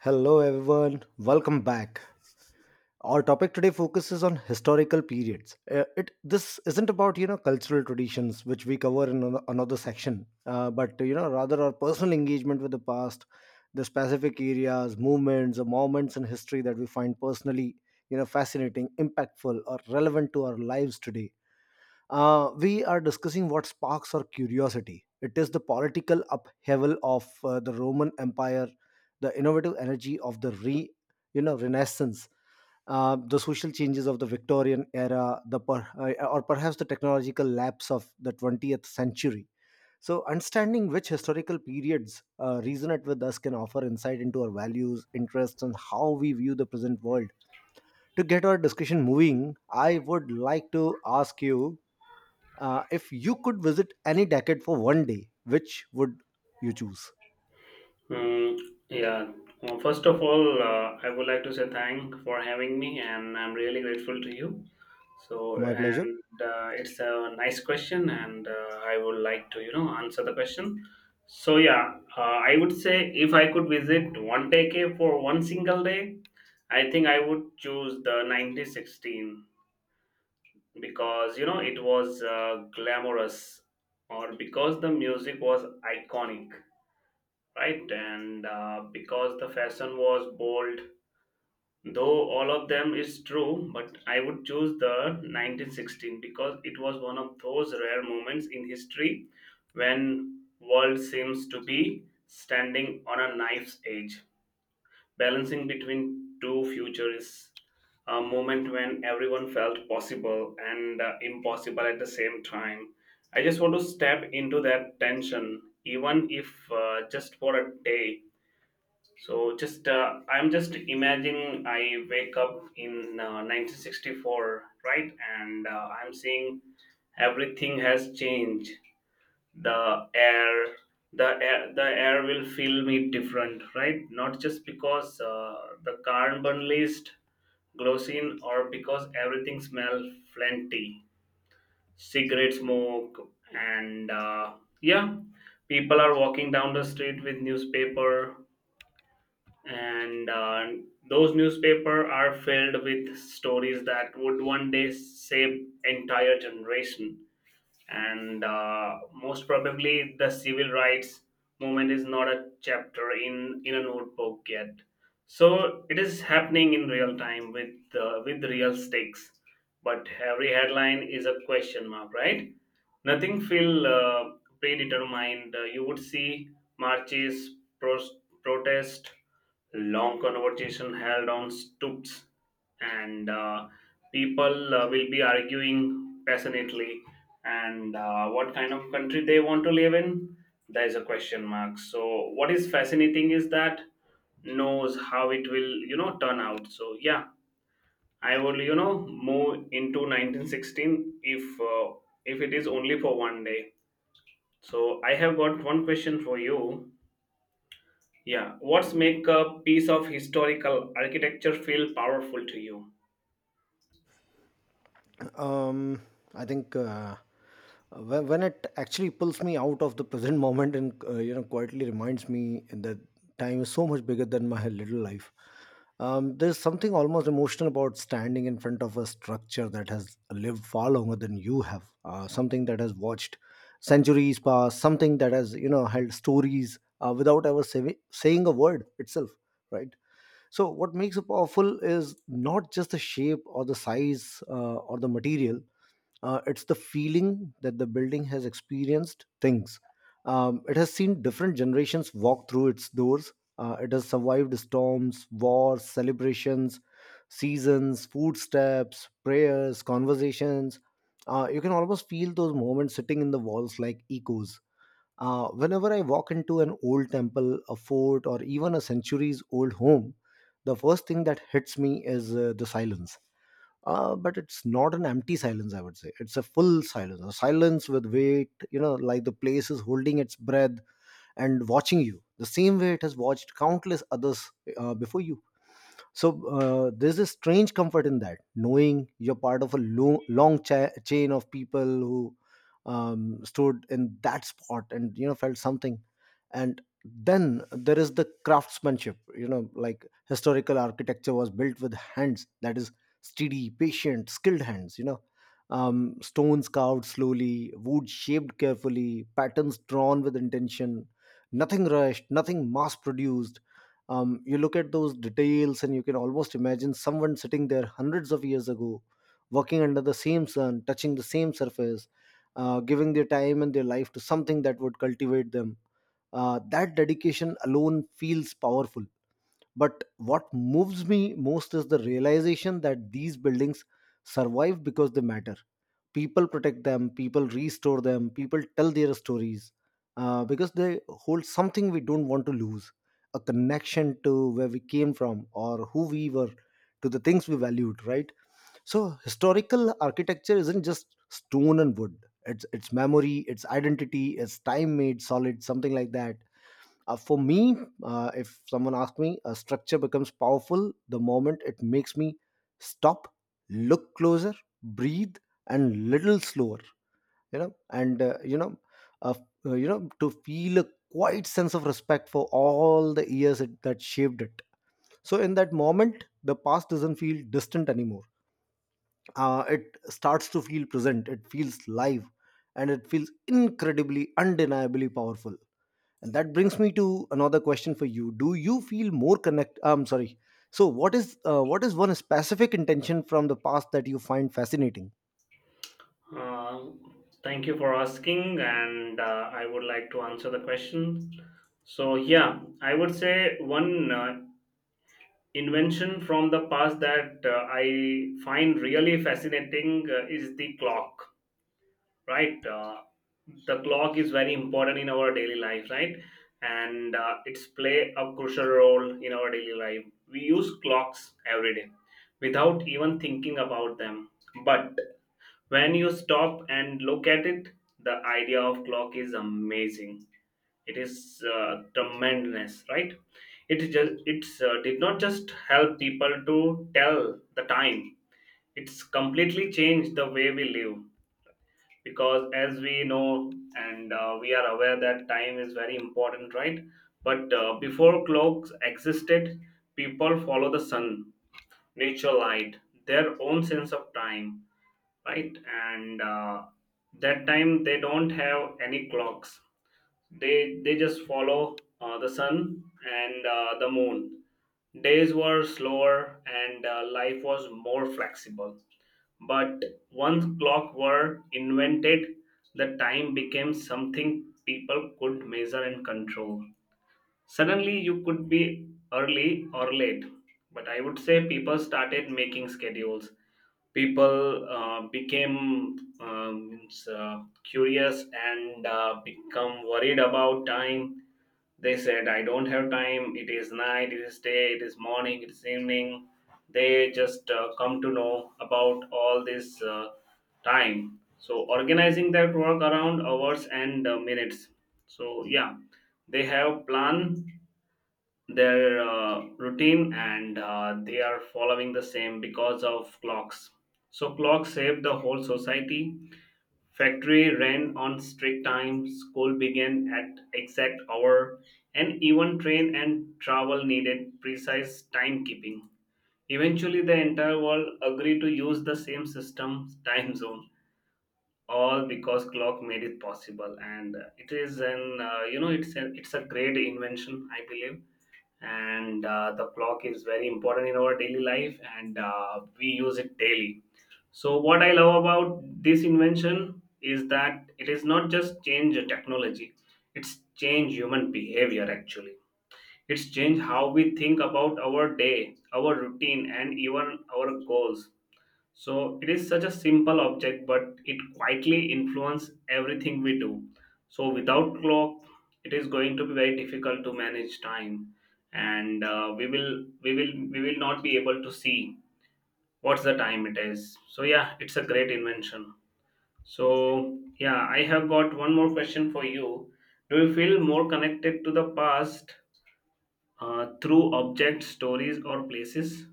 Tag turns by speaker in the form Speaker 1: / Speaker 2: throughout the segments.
Speaker 1: Hello everyone, welcome back. Our topic today focuses on historical periods. It this isn't about cultural traditions, which we cover in another section, but rather our personal engagement with the past, the specific areas, movements, or moments in history that we find personally, fascinating, impactful, or relevant to our lives today. We are discussing what sparks our curiosity. It is the political upheaval of the Roman Empire, the innovative energy of the Renaissance, the social changes of the Victorian era, or perhaps the technological lapse of the 20th century. So, understanding which historical periods resonate with us can offer insight into our values, interests, and how we view the present world. To get our discussion moving, I would like to ask you, if you could visit any decade for one day, which would you choose?
Speaker 2: Mm, yeah. Well, first of all, I would like to say thank for having me, and I'm really grateful to you. So,
Speaker 1: My pleasure.
Speaker 2: and it's a nice question, and I would like to answer the question. So, yeah, I would say if I could visit one decade for one single day, I think I would choose the 1916 because it was glamorous or because the music was iconic, right? And because the fashion was bold, though all of them is true, but I would choose the 1916 because it was one of those rare moments in history when world seems to be standing on a knife's edge, balancing between two futures. A moment when everyone felt possible and impossible at the same time. I just want to step into that tension, even if just for a day. So just I'm just imagining I wake up in 1964, right? And I'm seeing everything has changed. The air, the air will feel me different, right? Not just because the carbon list glossine or because everything smells plenty, cigarette smoke, and yeah, people are walking down the street with newspaper, and those newspapers are filled with stories that would one day save entire generation. And most probably the civil rights movement is not a chapter in a notebook yet, so it is happening in real time with real stakes, but every headline is a question mark, right? Nothing feel predetermined. You would see marches, pros- protest, long conversation held on stoops, and people will be arguing passionately and what kind of country they want to live in. There is a question mark, so what is fascinating is that knows how it will turn out. So yeah, I will move into 1916 if it is only for one day. So I have got one question for you. Yeah, what's make a piece of historical architecture feel powerful to you?
Speaker 1: um I think, when it actually pulls me out of the present moment and, quietly reminds me that time is so much bigger than my little life. There's something almost emotional about standing in front of a structure that has lived far longer than you have, something that has watched centuries pass, something that has, held stories without ever saying a word itself, right? So, what makes it powerful is not just the shape or the size or the material. It's the feeling that the building has experienced things. It has seen different generations walk through its doors. It has survived storms, wars, celebrations, seasons, footsteps, prayers, conversations. You can almost feel those moments sitting in the walls like echoes. Whenever I walk into an old temple, a fort, or even a centuries old home, the first thing that hits me is the silence. But it's not an empty silence, I would say. It's a full silence, a silence with weight, you know, like the place is holding its breath and watching you the same way it has watched countless others before you. So, there's a strange comfort in that, knowing you're part of a long, long chain of people who, stood in that spot and, felt something. And then there is the craftsmanship, you know, like historical architecture was built with hands that is steady, patient, skilled hands, you know. Stones carved slowly, wood shaped carefully, patterns drawn with intention, nothing rushed, nothing mass produced. You look at those details and you can almost imagine someone sitting there hundreds of years ago, working under the same sun, touching the same surface, giving their time and their life to something that would cultivate them. That dedication alone feels powerful. But what moves me most is the realization that these buildings survive because they matter. People protect them, people restore them, people tell their stories, because they hold something we don't want to lose, a connection to where we came from or who we were, to the things we valued, right? So, historical architecture isn't just stone and wood. It's memory, it's identity, it's time made solid, something like that. For me, if someone asks me, a structure becomes powerful the moment it makes me stop, look closer, breathe, and little slower. You know, uh, to feel a quiet sense of respect for all the years that shaped it. So in that moment, the past doesn't feel distant anymore. It starts to feel present. It feels live, and it feels incredibly, undeniably powerful. And that brings me to another question for you. Do you feel more connect? I'm sorry. So, what is one specific intention from the past that you find fascinating?
Speaker 2: Uh, Thank you for asking, and I would like to answer the question. So, yeah, I would say one invention from the past that I find really fascinating is the clock. Right. The clock is very important in our daily life, right? And it's play a crucial role in our daily life. We use clocks every day without even thinking about them. But when you stop and look at it, the idea of clock is amazing. It is tremendous, right? It just it's did not just help people to tell the time. It's completely changed the way we live. Because as we know, and we are aware that time is very important, right? But before clocks existed, people follow the sun, nature light, their own sense of time, right? And that time they don't have any clocks. They just follow the sun and the moon. Days were slower and life was more flexible. But once clocks were invented, the time became something people could measure and control. Suddenly you could be early or late. But I would say people started making schedules. People became means, curious and become worried about time. They said I don't have time, it is night, it is day, it is morning, it is evening. They just come to know about all this time, so organizing their work around hours and minutes. So yeah, they have plan their routine and they are following the same because of clocks. So, clocks saved the whole society. Factory ran on strict time, school began at exact hour, and even train and travel needed precise timekeeping. Eventually, the entire world agreed to use the same system, time zone, all because clock made it possible. And it is an it's a great invention, I believe. And the clock is very important in our daily life, and we use it daily. So what I love about this invention is that it is not just change technology. It's change human behavior, actually. It's change how we think about our day, our routine, and even our goals. So it is such a simple object, but it quietly influences everything we do. So without clock, it is going to be very difficult to manage time, and we will not be able to see what's the time it is. So yeah, it's a great invention. So yeah, I have got one more question for you. Do you feel more connected to the past through objects, stories, or places?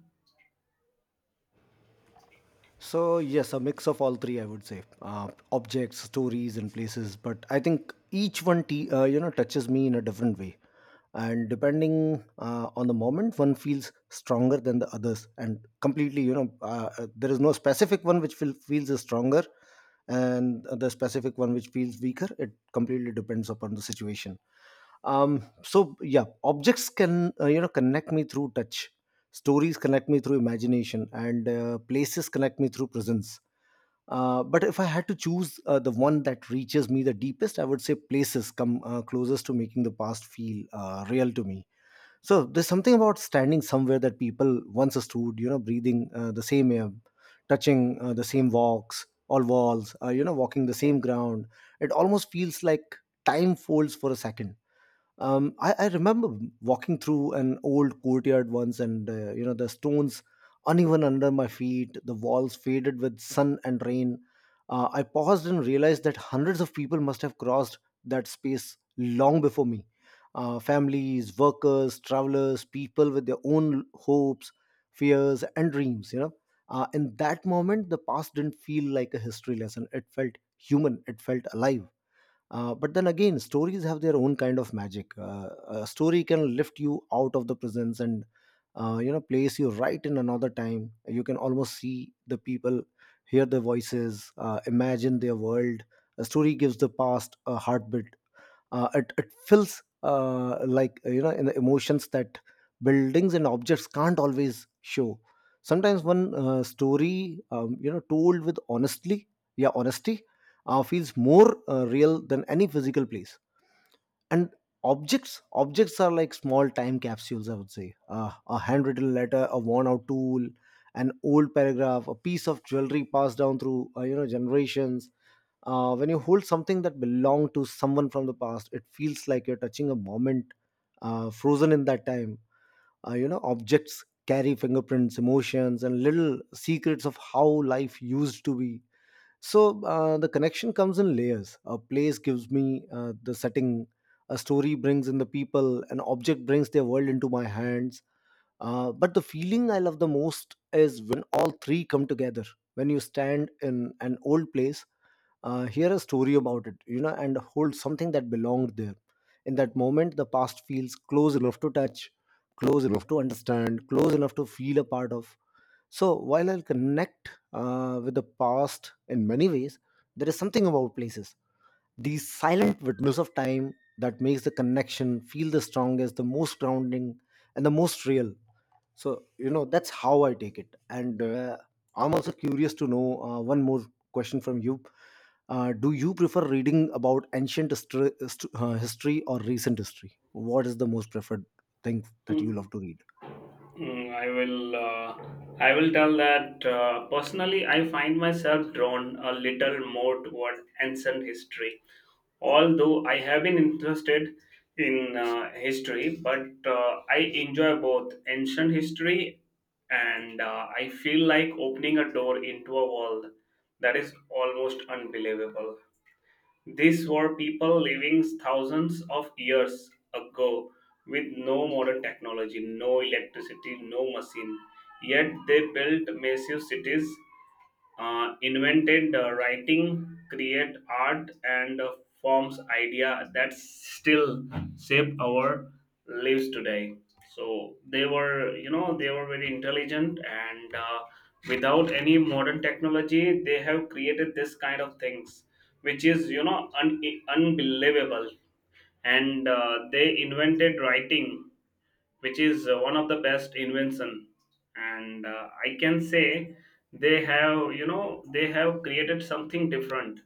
Speaker 1: So yes, a mix of all three, I would say, objects, stories, and places. But I think each one, you know, touches me in a different way, and depending, on the moment, one feels stronger than the others, and completely, you know, there is no specific one which feels is stronger, and the specific one which feels weaker. It completely depends upon the situation. So yeah, objects can, you know, connect me through touch, stories connect me through imagination, and, places connect me through presence. But if I had to choose the one that reaches me the deepest, I would say places come closest to making the past feel real to me. So there's something about standing somewhere that people once stood, you know, breathing the same air, touching the same walks, all walls, you know, walking the same ground. It almost feels like time folds for a second. I remember walking through an old courtyard once, and, you know, the stones uneven under my feet, the walls faded with sun and rain. I paused and realized that hundreds of people must have crossed that space long before me. Families, workers, travelers, people with their own hopes, fears, and dreams. You know, in that moment, the past didn't feel like a history lesson. It felt human. It felt alive. But then again, stories have their own kind of magic. A story can lift you out of the presence and, you know, place you right in another time. You can almost see the people, hear their voices, imagine their world. A story gives the past a heartbeat. It feels, like, you know, in the emotions that buildings and objects can't always show. Sometimes one story, you know, told with honestly, yeah, honesty, feels more real than any physical place. And objects are like small time capsules, I would say. A handwritten letter, a worn out tool, an old paragraph, a piece of jewelry passed down through, you know, generations. When you hold something that belonged to someone from the past, it feels like you're touching a moment frozen in that time. You know, objects carry fingerprints, emotions, and little secrets of how life used to be. So, the connection comes in layers. A place gives me the setting, a story brings in the people, an object brings their world into my hands. But the feeling I love the most is when all three come together, when you stand in an old place, hear a story about it, you know, and hold something that belonged there. In that moment, the past feels close enough to touch, close enough to understand, close enough to feel a part of. So while I'll connect, with the past in many ways, there is something about places, these silent witness of time, that makes the connection feel the strongest, the most grounding, and the most real. So you know, that's how I take it. And, I'm also curious to know one more question from you. Do you prefer reading about ancient history, history or recent history? What is the most preferred thing that you
Speaker 2: Hmm.
Speaker 1: love to read?
Speaker 2: Mm, I will tell that personally, I find myself drawn a little more toward ancient history. Although I have been interested in history, but I enjoy both ancient history, and I feel like opening a door into a world that is almost unbelievable. These were people living thousands of years ago with no modern technology, no electricity, no machine. Yet they built massive cities, invented writing, create art, and forms idea that still shape our lives today. So they were very intelligent, and without any modern technology, they have created this kind of things, which is unbelievable. And they invented writing which is one of the best invention. And I can say they have created something different.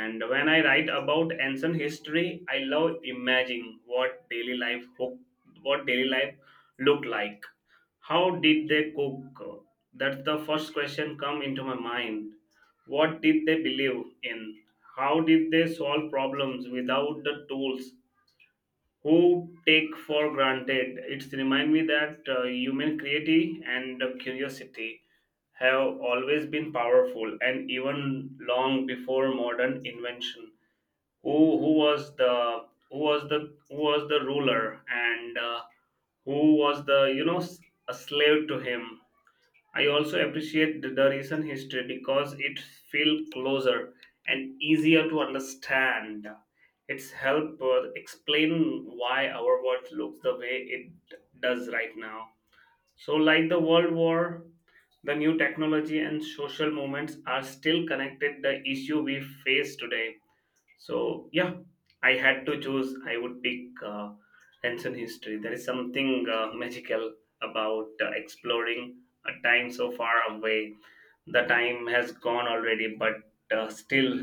Speaker 2: And when I write about ancient history, I love imagining what daily life looked like. How did they cook? That's the first question come into my mind. What did they believe in? How did they solve problems without the tools who take for granted? It's remind me that human creativity and curiosity have always been powerful, and even long before modern invention. Who who was the who was the who was the ruler and who was the you know s- a slave to him. I also appreciate the recent history because it feels closer and easier to understand. It's helped explain why our world looks the way it does right now. So, like the World War, the new technology and social movements are still connected the issue we face today. So yeah, I had to choose. I would pick ancient history. There is something magical about exploring a time so far away. The time has gone already, but still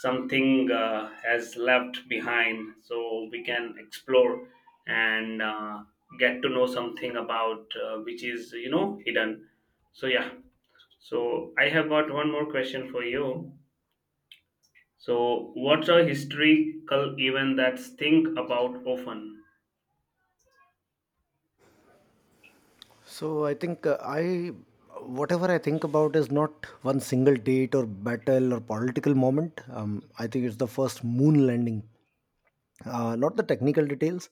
Speaker 2: something has left behind. So we can explore and get to know something about which is hidden. So yeah. So I have got one more question for you. So, what's a historical event that's think about often?
Speaker 1: So I think I whatever I think about is not one single date or battle or political moment. I think it's the first moon landing, not the technical details,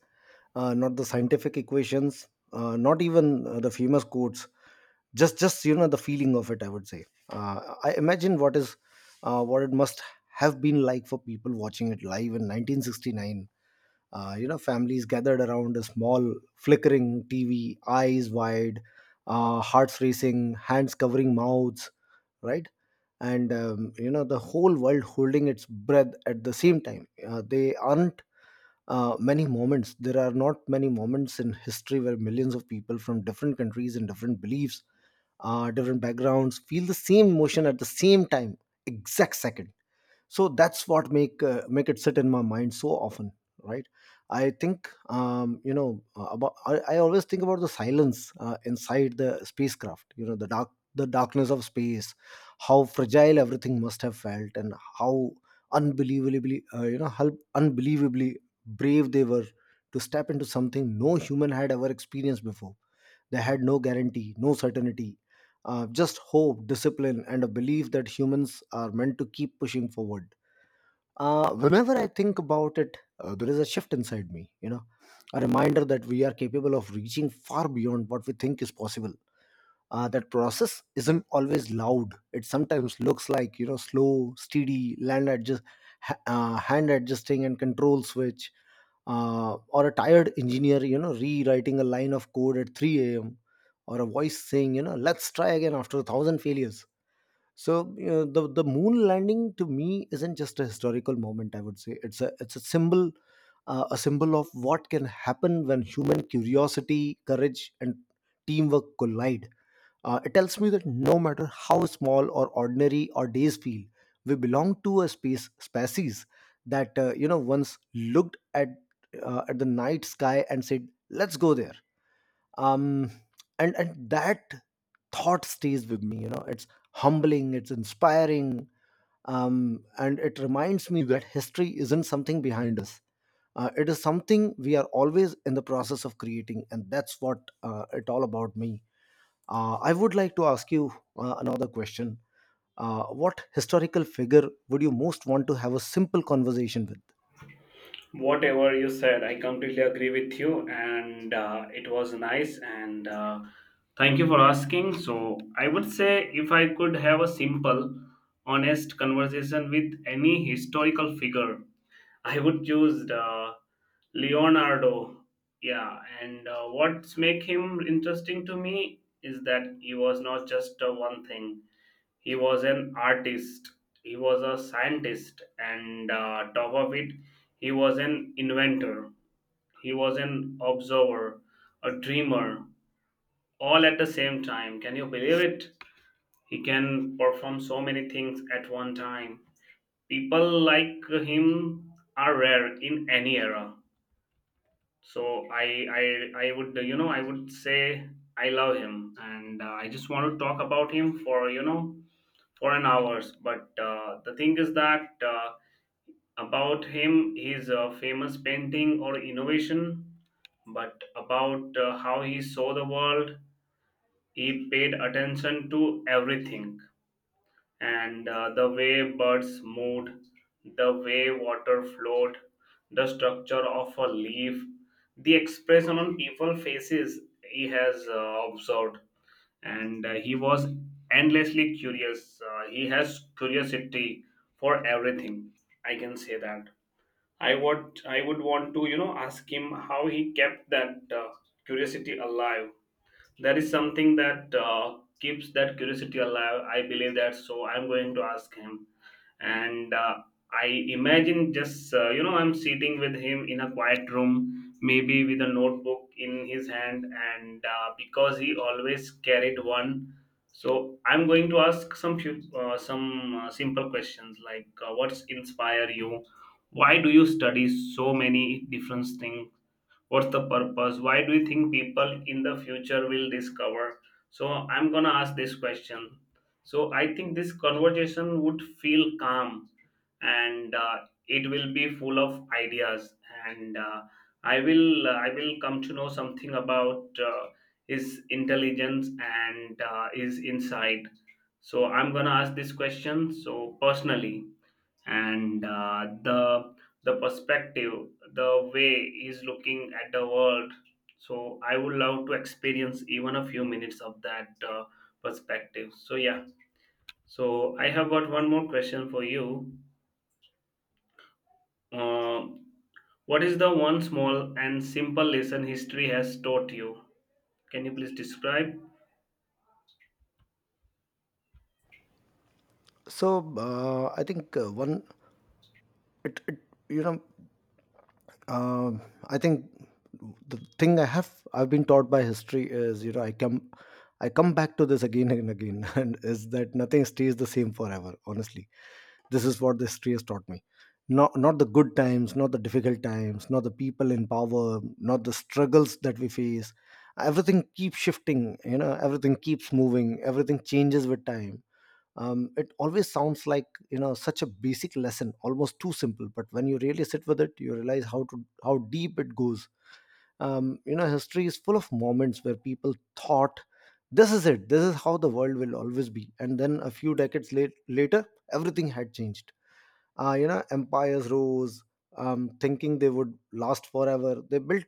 Speaker 1: not the scientific equations, not even the famous quotes. Just you know, the feeling of it, I would say. I imagine what is, what it must have been like for people watching it live in 1969. You know, families gathered around a small flickering TV, eyes wide, hearts racing, hands covering mouths, right? And you know, the whole world holding its breath at the same time. They aren't Many moments, there are not many moments in history where millions of people from different countries and different beliefs, different backgrounds feel the same emotion at the same time, exact second. So that's what make it sit in my mind so often, right? I think, you know about I always think about the silence inside the spacecraft, you know, the darkness of space, how fragile everything must have felt, and how unbelievably you know how unbelievably brave they were to step into something no human had ever experienced before. They had no guarantee, no certainty, just hope, discipline, and a belief that humans are meant to keep pushing forward. Whenever I think about it, there is a shift inside me, you know, a reminder that we are capable of reaching far beyond what we think is possible. That process isn't always loud. It sometimes looks like, you know, slow, steady, land adjust, hand adjusting and control switch, or a tired engineer, you know, rewriting a line of code at 3 a.m., or a voice saying, you know, let's try again after 1,000 failures. So you know, the moon landing to me isn't just a historical moment. I would say it's a symbol, a symbol of what can happen when human curiosity, courage, and teamwork collide. It tells me that no matter how small or ordinary our days feel, we belong to a space species that you know once looked at the night sky and said, "Let's go there." um and that thought stays with me, you know. It's humbling, it's inspiring. And it reminds me that history isn't something behind us. It is something we are always in the process of creating, and that's what it all about me. I would like to ask you another question. What historical figure would you most want to have a simple conversation with?
Speaker 2: Whatever you said, I completely agree with you, and it was nice. And thank you for asking. So, I would say if I could have a simple, honest conversation with any historical figure, I would choose Leonardo. Yeah, and what's make him interesting to me is that he was not just one thing. He was an artist, he was a scientist, and top of it, he was an inventor, he was an observer, a dreamer, all at the same time. Can you believe it? He can perform so many things at one time. People like him are rare in any era. So I I I would you know I would say I love him, and I just want to talk about him for an hours. But the thing is that about him, his famous painting or innovation, but about how he saw the world, he paid attention to everything. And the way birds moved, the way water flowed, the structure of a leaf, the expression on people's faces he has observed. And he was endlessly curious. He has curiosity for everything. I can say that. I would want to ask him how he kept that curiosity alive. There is something that keeps that curiosity alive. I believe that, so I'm going to ask him. And I imagine just you know I'm sitting with him in a quiet room, maybe with a notebook in his hand, and because he always carried one. So I'm going to ask some simple questions like, what's inspire you? Why do you study so many different things? What's the purpose? Why do you think people in the future will discover? So I'm gonna ask this question. So I think this conversation would feel calm, and it will be full of ideas. And I will come to know something about his intelligence and his insight. So I'm gonna ask this question. So personally, and the perspective, the way he's looking at the world. So I would love to experience even a few minutes of that perspective. So yeah. So I have got one more question for you. uh, what is the one small and simple lesson history has taught you? Can you please describe?
Speaker 1: So I think one it, it you know Um, I think the thing I've been taught by history is, you know, I come back to this again and again and is that nothing stays the same forever. Honestly, this is what the history has taught me. Not the good times, not the difficult times, not the people in power, not the struggles that we face. Everything keeps shifting. You know, everything keeps moving. Everything changes with time. It always sounds like, you know, such a basic lesson, almost too simple, but when you really sit with it you realize how deep it goes. You know, history is full of moments where people thought this is it, this is how the world will always be, and then a few decades later everything had changed. You know, empires rose, thinking they would last forever. They built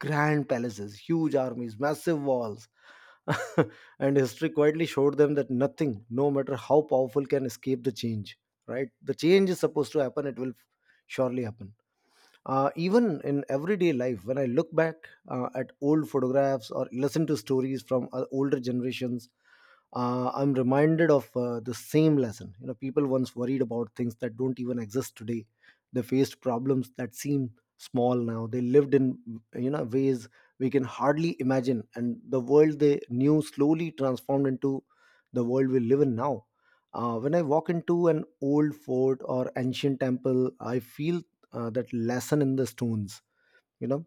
Speaker 1: grand palaces, huge armies, massive walls, and history quietly showed them that nothing, no matter how powerful, can escape the change. Right, the change is supposed to happen, it will surely happen. Even in everyday life, when I look back at old photographs or listen to stories from older generations, I'm reminded of the same lesson. You know, people once worried about things that don't even exist today. They faced problems that seem small now. They lived in, you know, ways we can hardly imagine, and the world they knew slowly transformed into the world we live in now. When I walk into an old fort or ancient temple, I feel that lesson in the stones, you know.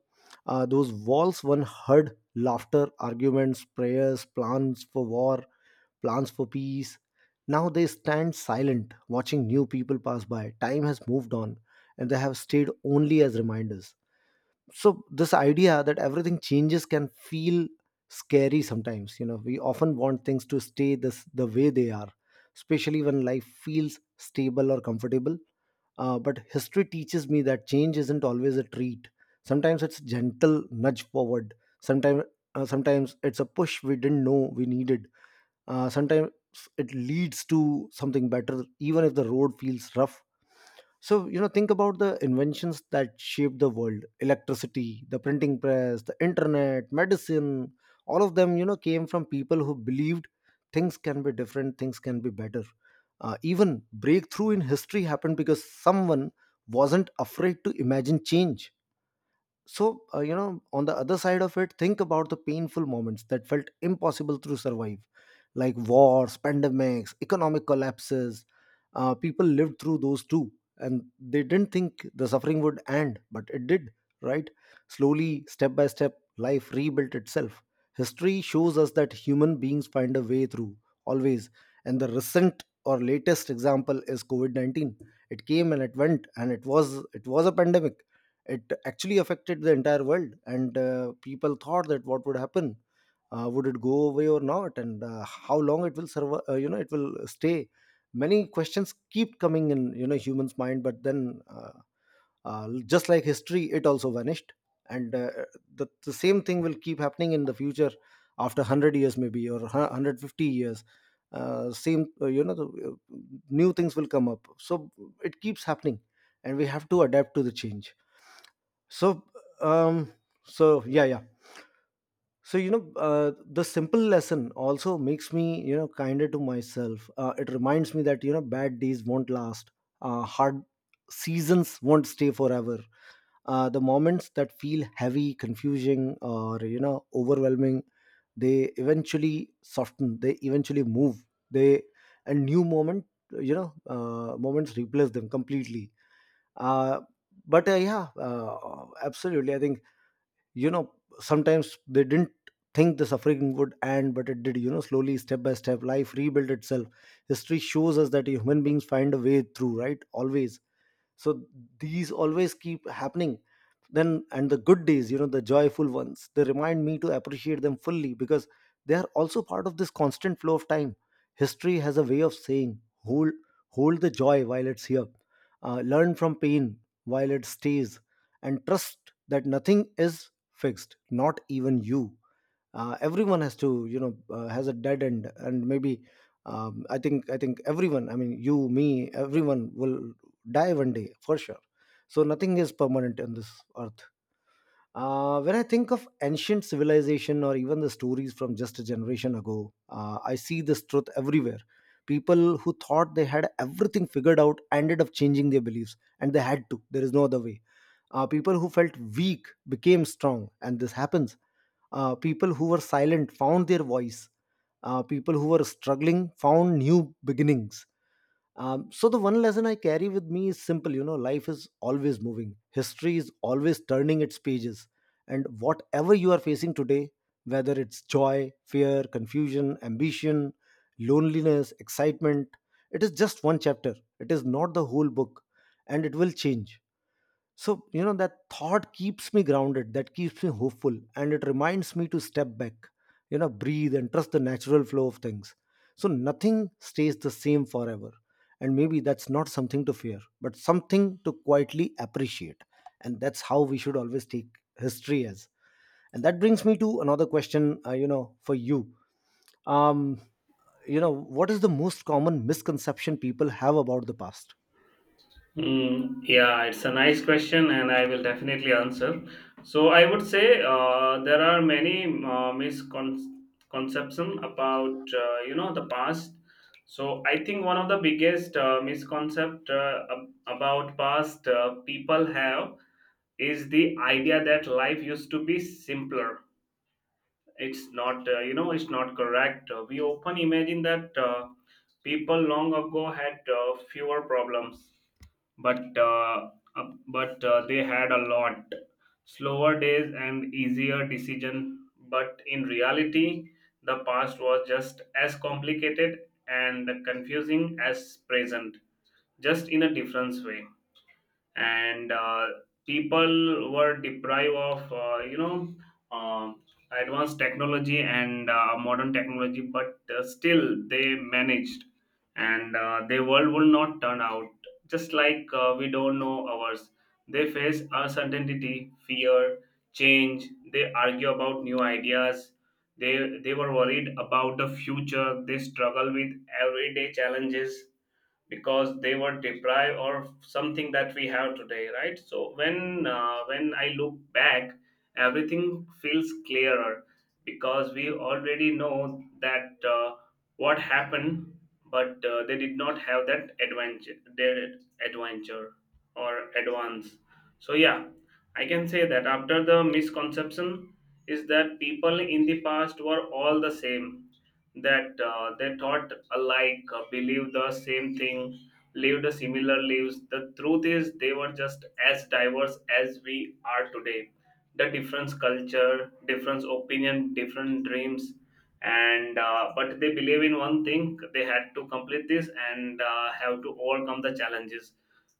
Speaker 1: Those walls one heard laughter, arguments, prayers, plans for war, plans for peace. Now they stand silent, watching new people pass by. Time has moved on, and they have stayed only as reminders. So this idea that everything changes can feel scary sometimes. You know, we often want things to stay this the way they are, especially when life feels stable or comfortable. But history teaches me that change isn't always a treat. Sometimes it's a gentle nudge forward. sometimes Sometimes it's a push we didn't know we needed. Sometimes it leads to something better, even if the road feels rough. So, you know, think about the inventions that shaped the world: electricity, the printing press, the internet, medicine. All of them, you know, came from people who believed things can be different, things can be better. Even breakthrough in history happened because someone wasn't afraid to imagine change. So you know, on the other side of it, think about the painful moments that felt impossible to survive, like wars, pandemics, economic collapses. People lived through those too, and they didn't think the suffering would end, but it did. Right, slowly, step by step, life rebuilt itself. History shows us that human beings find a way through, always. And the recent or latest example is covid-19. It came and it went, and it was a pandemic. It actually affected the entire world, and people thought that what would happen, would it go away or not, and how long it will survive. You know, it will stay. Many questions keep coming in, you know, humans' mind, but then just like history, it also vanished, and the same thing will keep happening in the future, after 100 years maybe or 150 years. Same, you know, new things will come up, so it keeps happening, and we have to adapt to the change. So, um, so yeah, yeah. So you know, the simple lesson also makes me, you know, kinder to myself. It reminds me that, you know, bad days won't last. Hard seasons won't stay forever. The moments that feel heavy, confusing, or, you know, overwhelming, they eventually soften. They eventually move. They and new moments replace them completely. Uh, but yeah, absolutely. I think, you know, sometimes they didn't think the suffering would end, but it did. You know, slowly, step by step, life rebuilt itself. History shows us that human beings find a way through, right, always. So these always keep happening. Then and the good days, you know, the joyful ones, they remind me to appreciate them fully, because they are also part of this constant flow of time. History has a way of saying, hold, hold the joy while it's here. Learn from pain while it stays, and trust that nothing is fixed, not even you. Everyone has to, you know, has a dead end, and maybe I think everyone, I mean, you, me, everyone will die one day for sure. So nothing is permanent in this earth. Uh, when I think of ancient civilization or even the stories from just a generation ago, I see this truth everywhere. People who thought they had everything figured out ended up changing their beliefs, and they had to. There is no other way. People who felt weak became strong, and this happens. People who were silent found their voice. People who were struggling found new beginnings. So the one lesson I carry with me is simple. You know, life is always moving. History is always turning its pages, and whatever you are facing today, whether it's joy, fear, confusion, ambition, loneliness, excitement, it is just one chapter. It is not the whole book, and it will change. So, you know, that thought keeps me grounded, that keeps me hopeful, and it reminds me to step back, you know, breathe and trust the natural flow of things. So, nothing stays the same forever. And maybe that's not something to fear, but something to quietly appreciate. And that's how we should always take history as. And that brings me to another question, you know, for you. Um, you know, what is the most common misconception people have about the past?
Speaker 2: Mm, yeah, it's a nice question, and I will definitely answer. So I would say there are many misconceptions about the past. So I think one of the biggest misconcept, about past, people have is the idea that life used to be simpler. It's not it's not correct. We often imagine that people long ago had fewer problems, but uh, but they had a lot slower days and easier decision. But in reality, the past was just as complicated and confusing as present, just in a different way. And people were deprived of uh, advanced technology and modern technology, but still they managed. And their world will not turn out just like we don't know ours. They face uncertainty, fear, change. They argue about new ideas. They they were worried about the future. They struggle with everyday challenges. Because they were deprived of something that we have today, right? So when I look back, everything feels clearer because we already know that what happened. But they did not have that adventure, their adventure, or advance. So yeah, I can say that. After the misconception is that people in the past were all the same, that they thought alike, believed the same thing, lived similar lives. The truth is, they were just as diverse as we are today. The different culture, different opinion, different dreams, and but they believe in one thing. They had to complete this and have to overcome the challenges.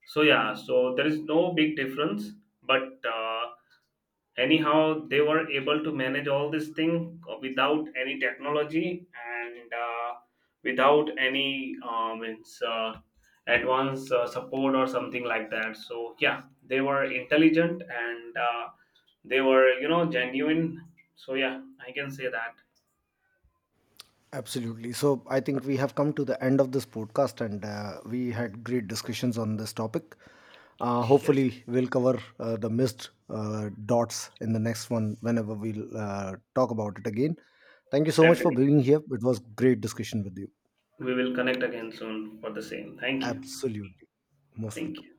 Speaker 2: So yeah, so there is no big difference, but. Anyhow, they were able to manage all this thing without any technology and without any advanced support or something like that. So yeah, they were intelligent and they were genuine. So yeah, I can say that.
Speaker 1: Absolutely. So I think we have come to the end of this podcast, and we had great discussions on this topic.
Speaker 2: Yes,
Speaker 1: Hopefully, we'll cover the missed dots in the next one whenever we'll talk about it again. Thank you so much for
Speaker 2: definitely.
Speaker 1: being here. It was great discussion with you.
Speaker 2: We will connect again soon for the same. Thank you.
Speaker 1: Absolutely. Most
Speaker 2: Thank
Speaker 1: welcome.
Speaker 2: you.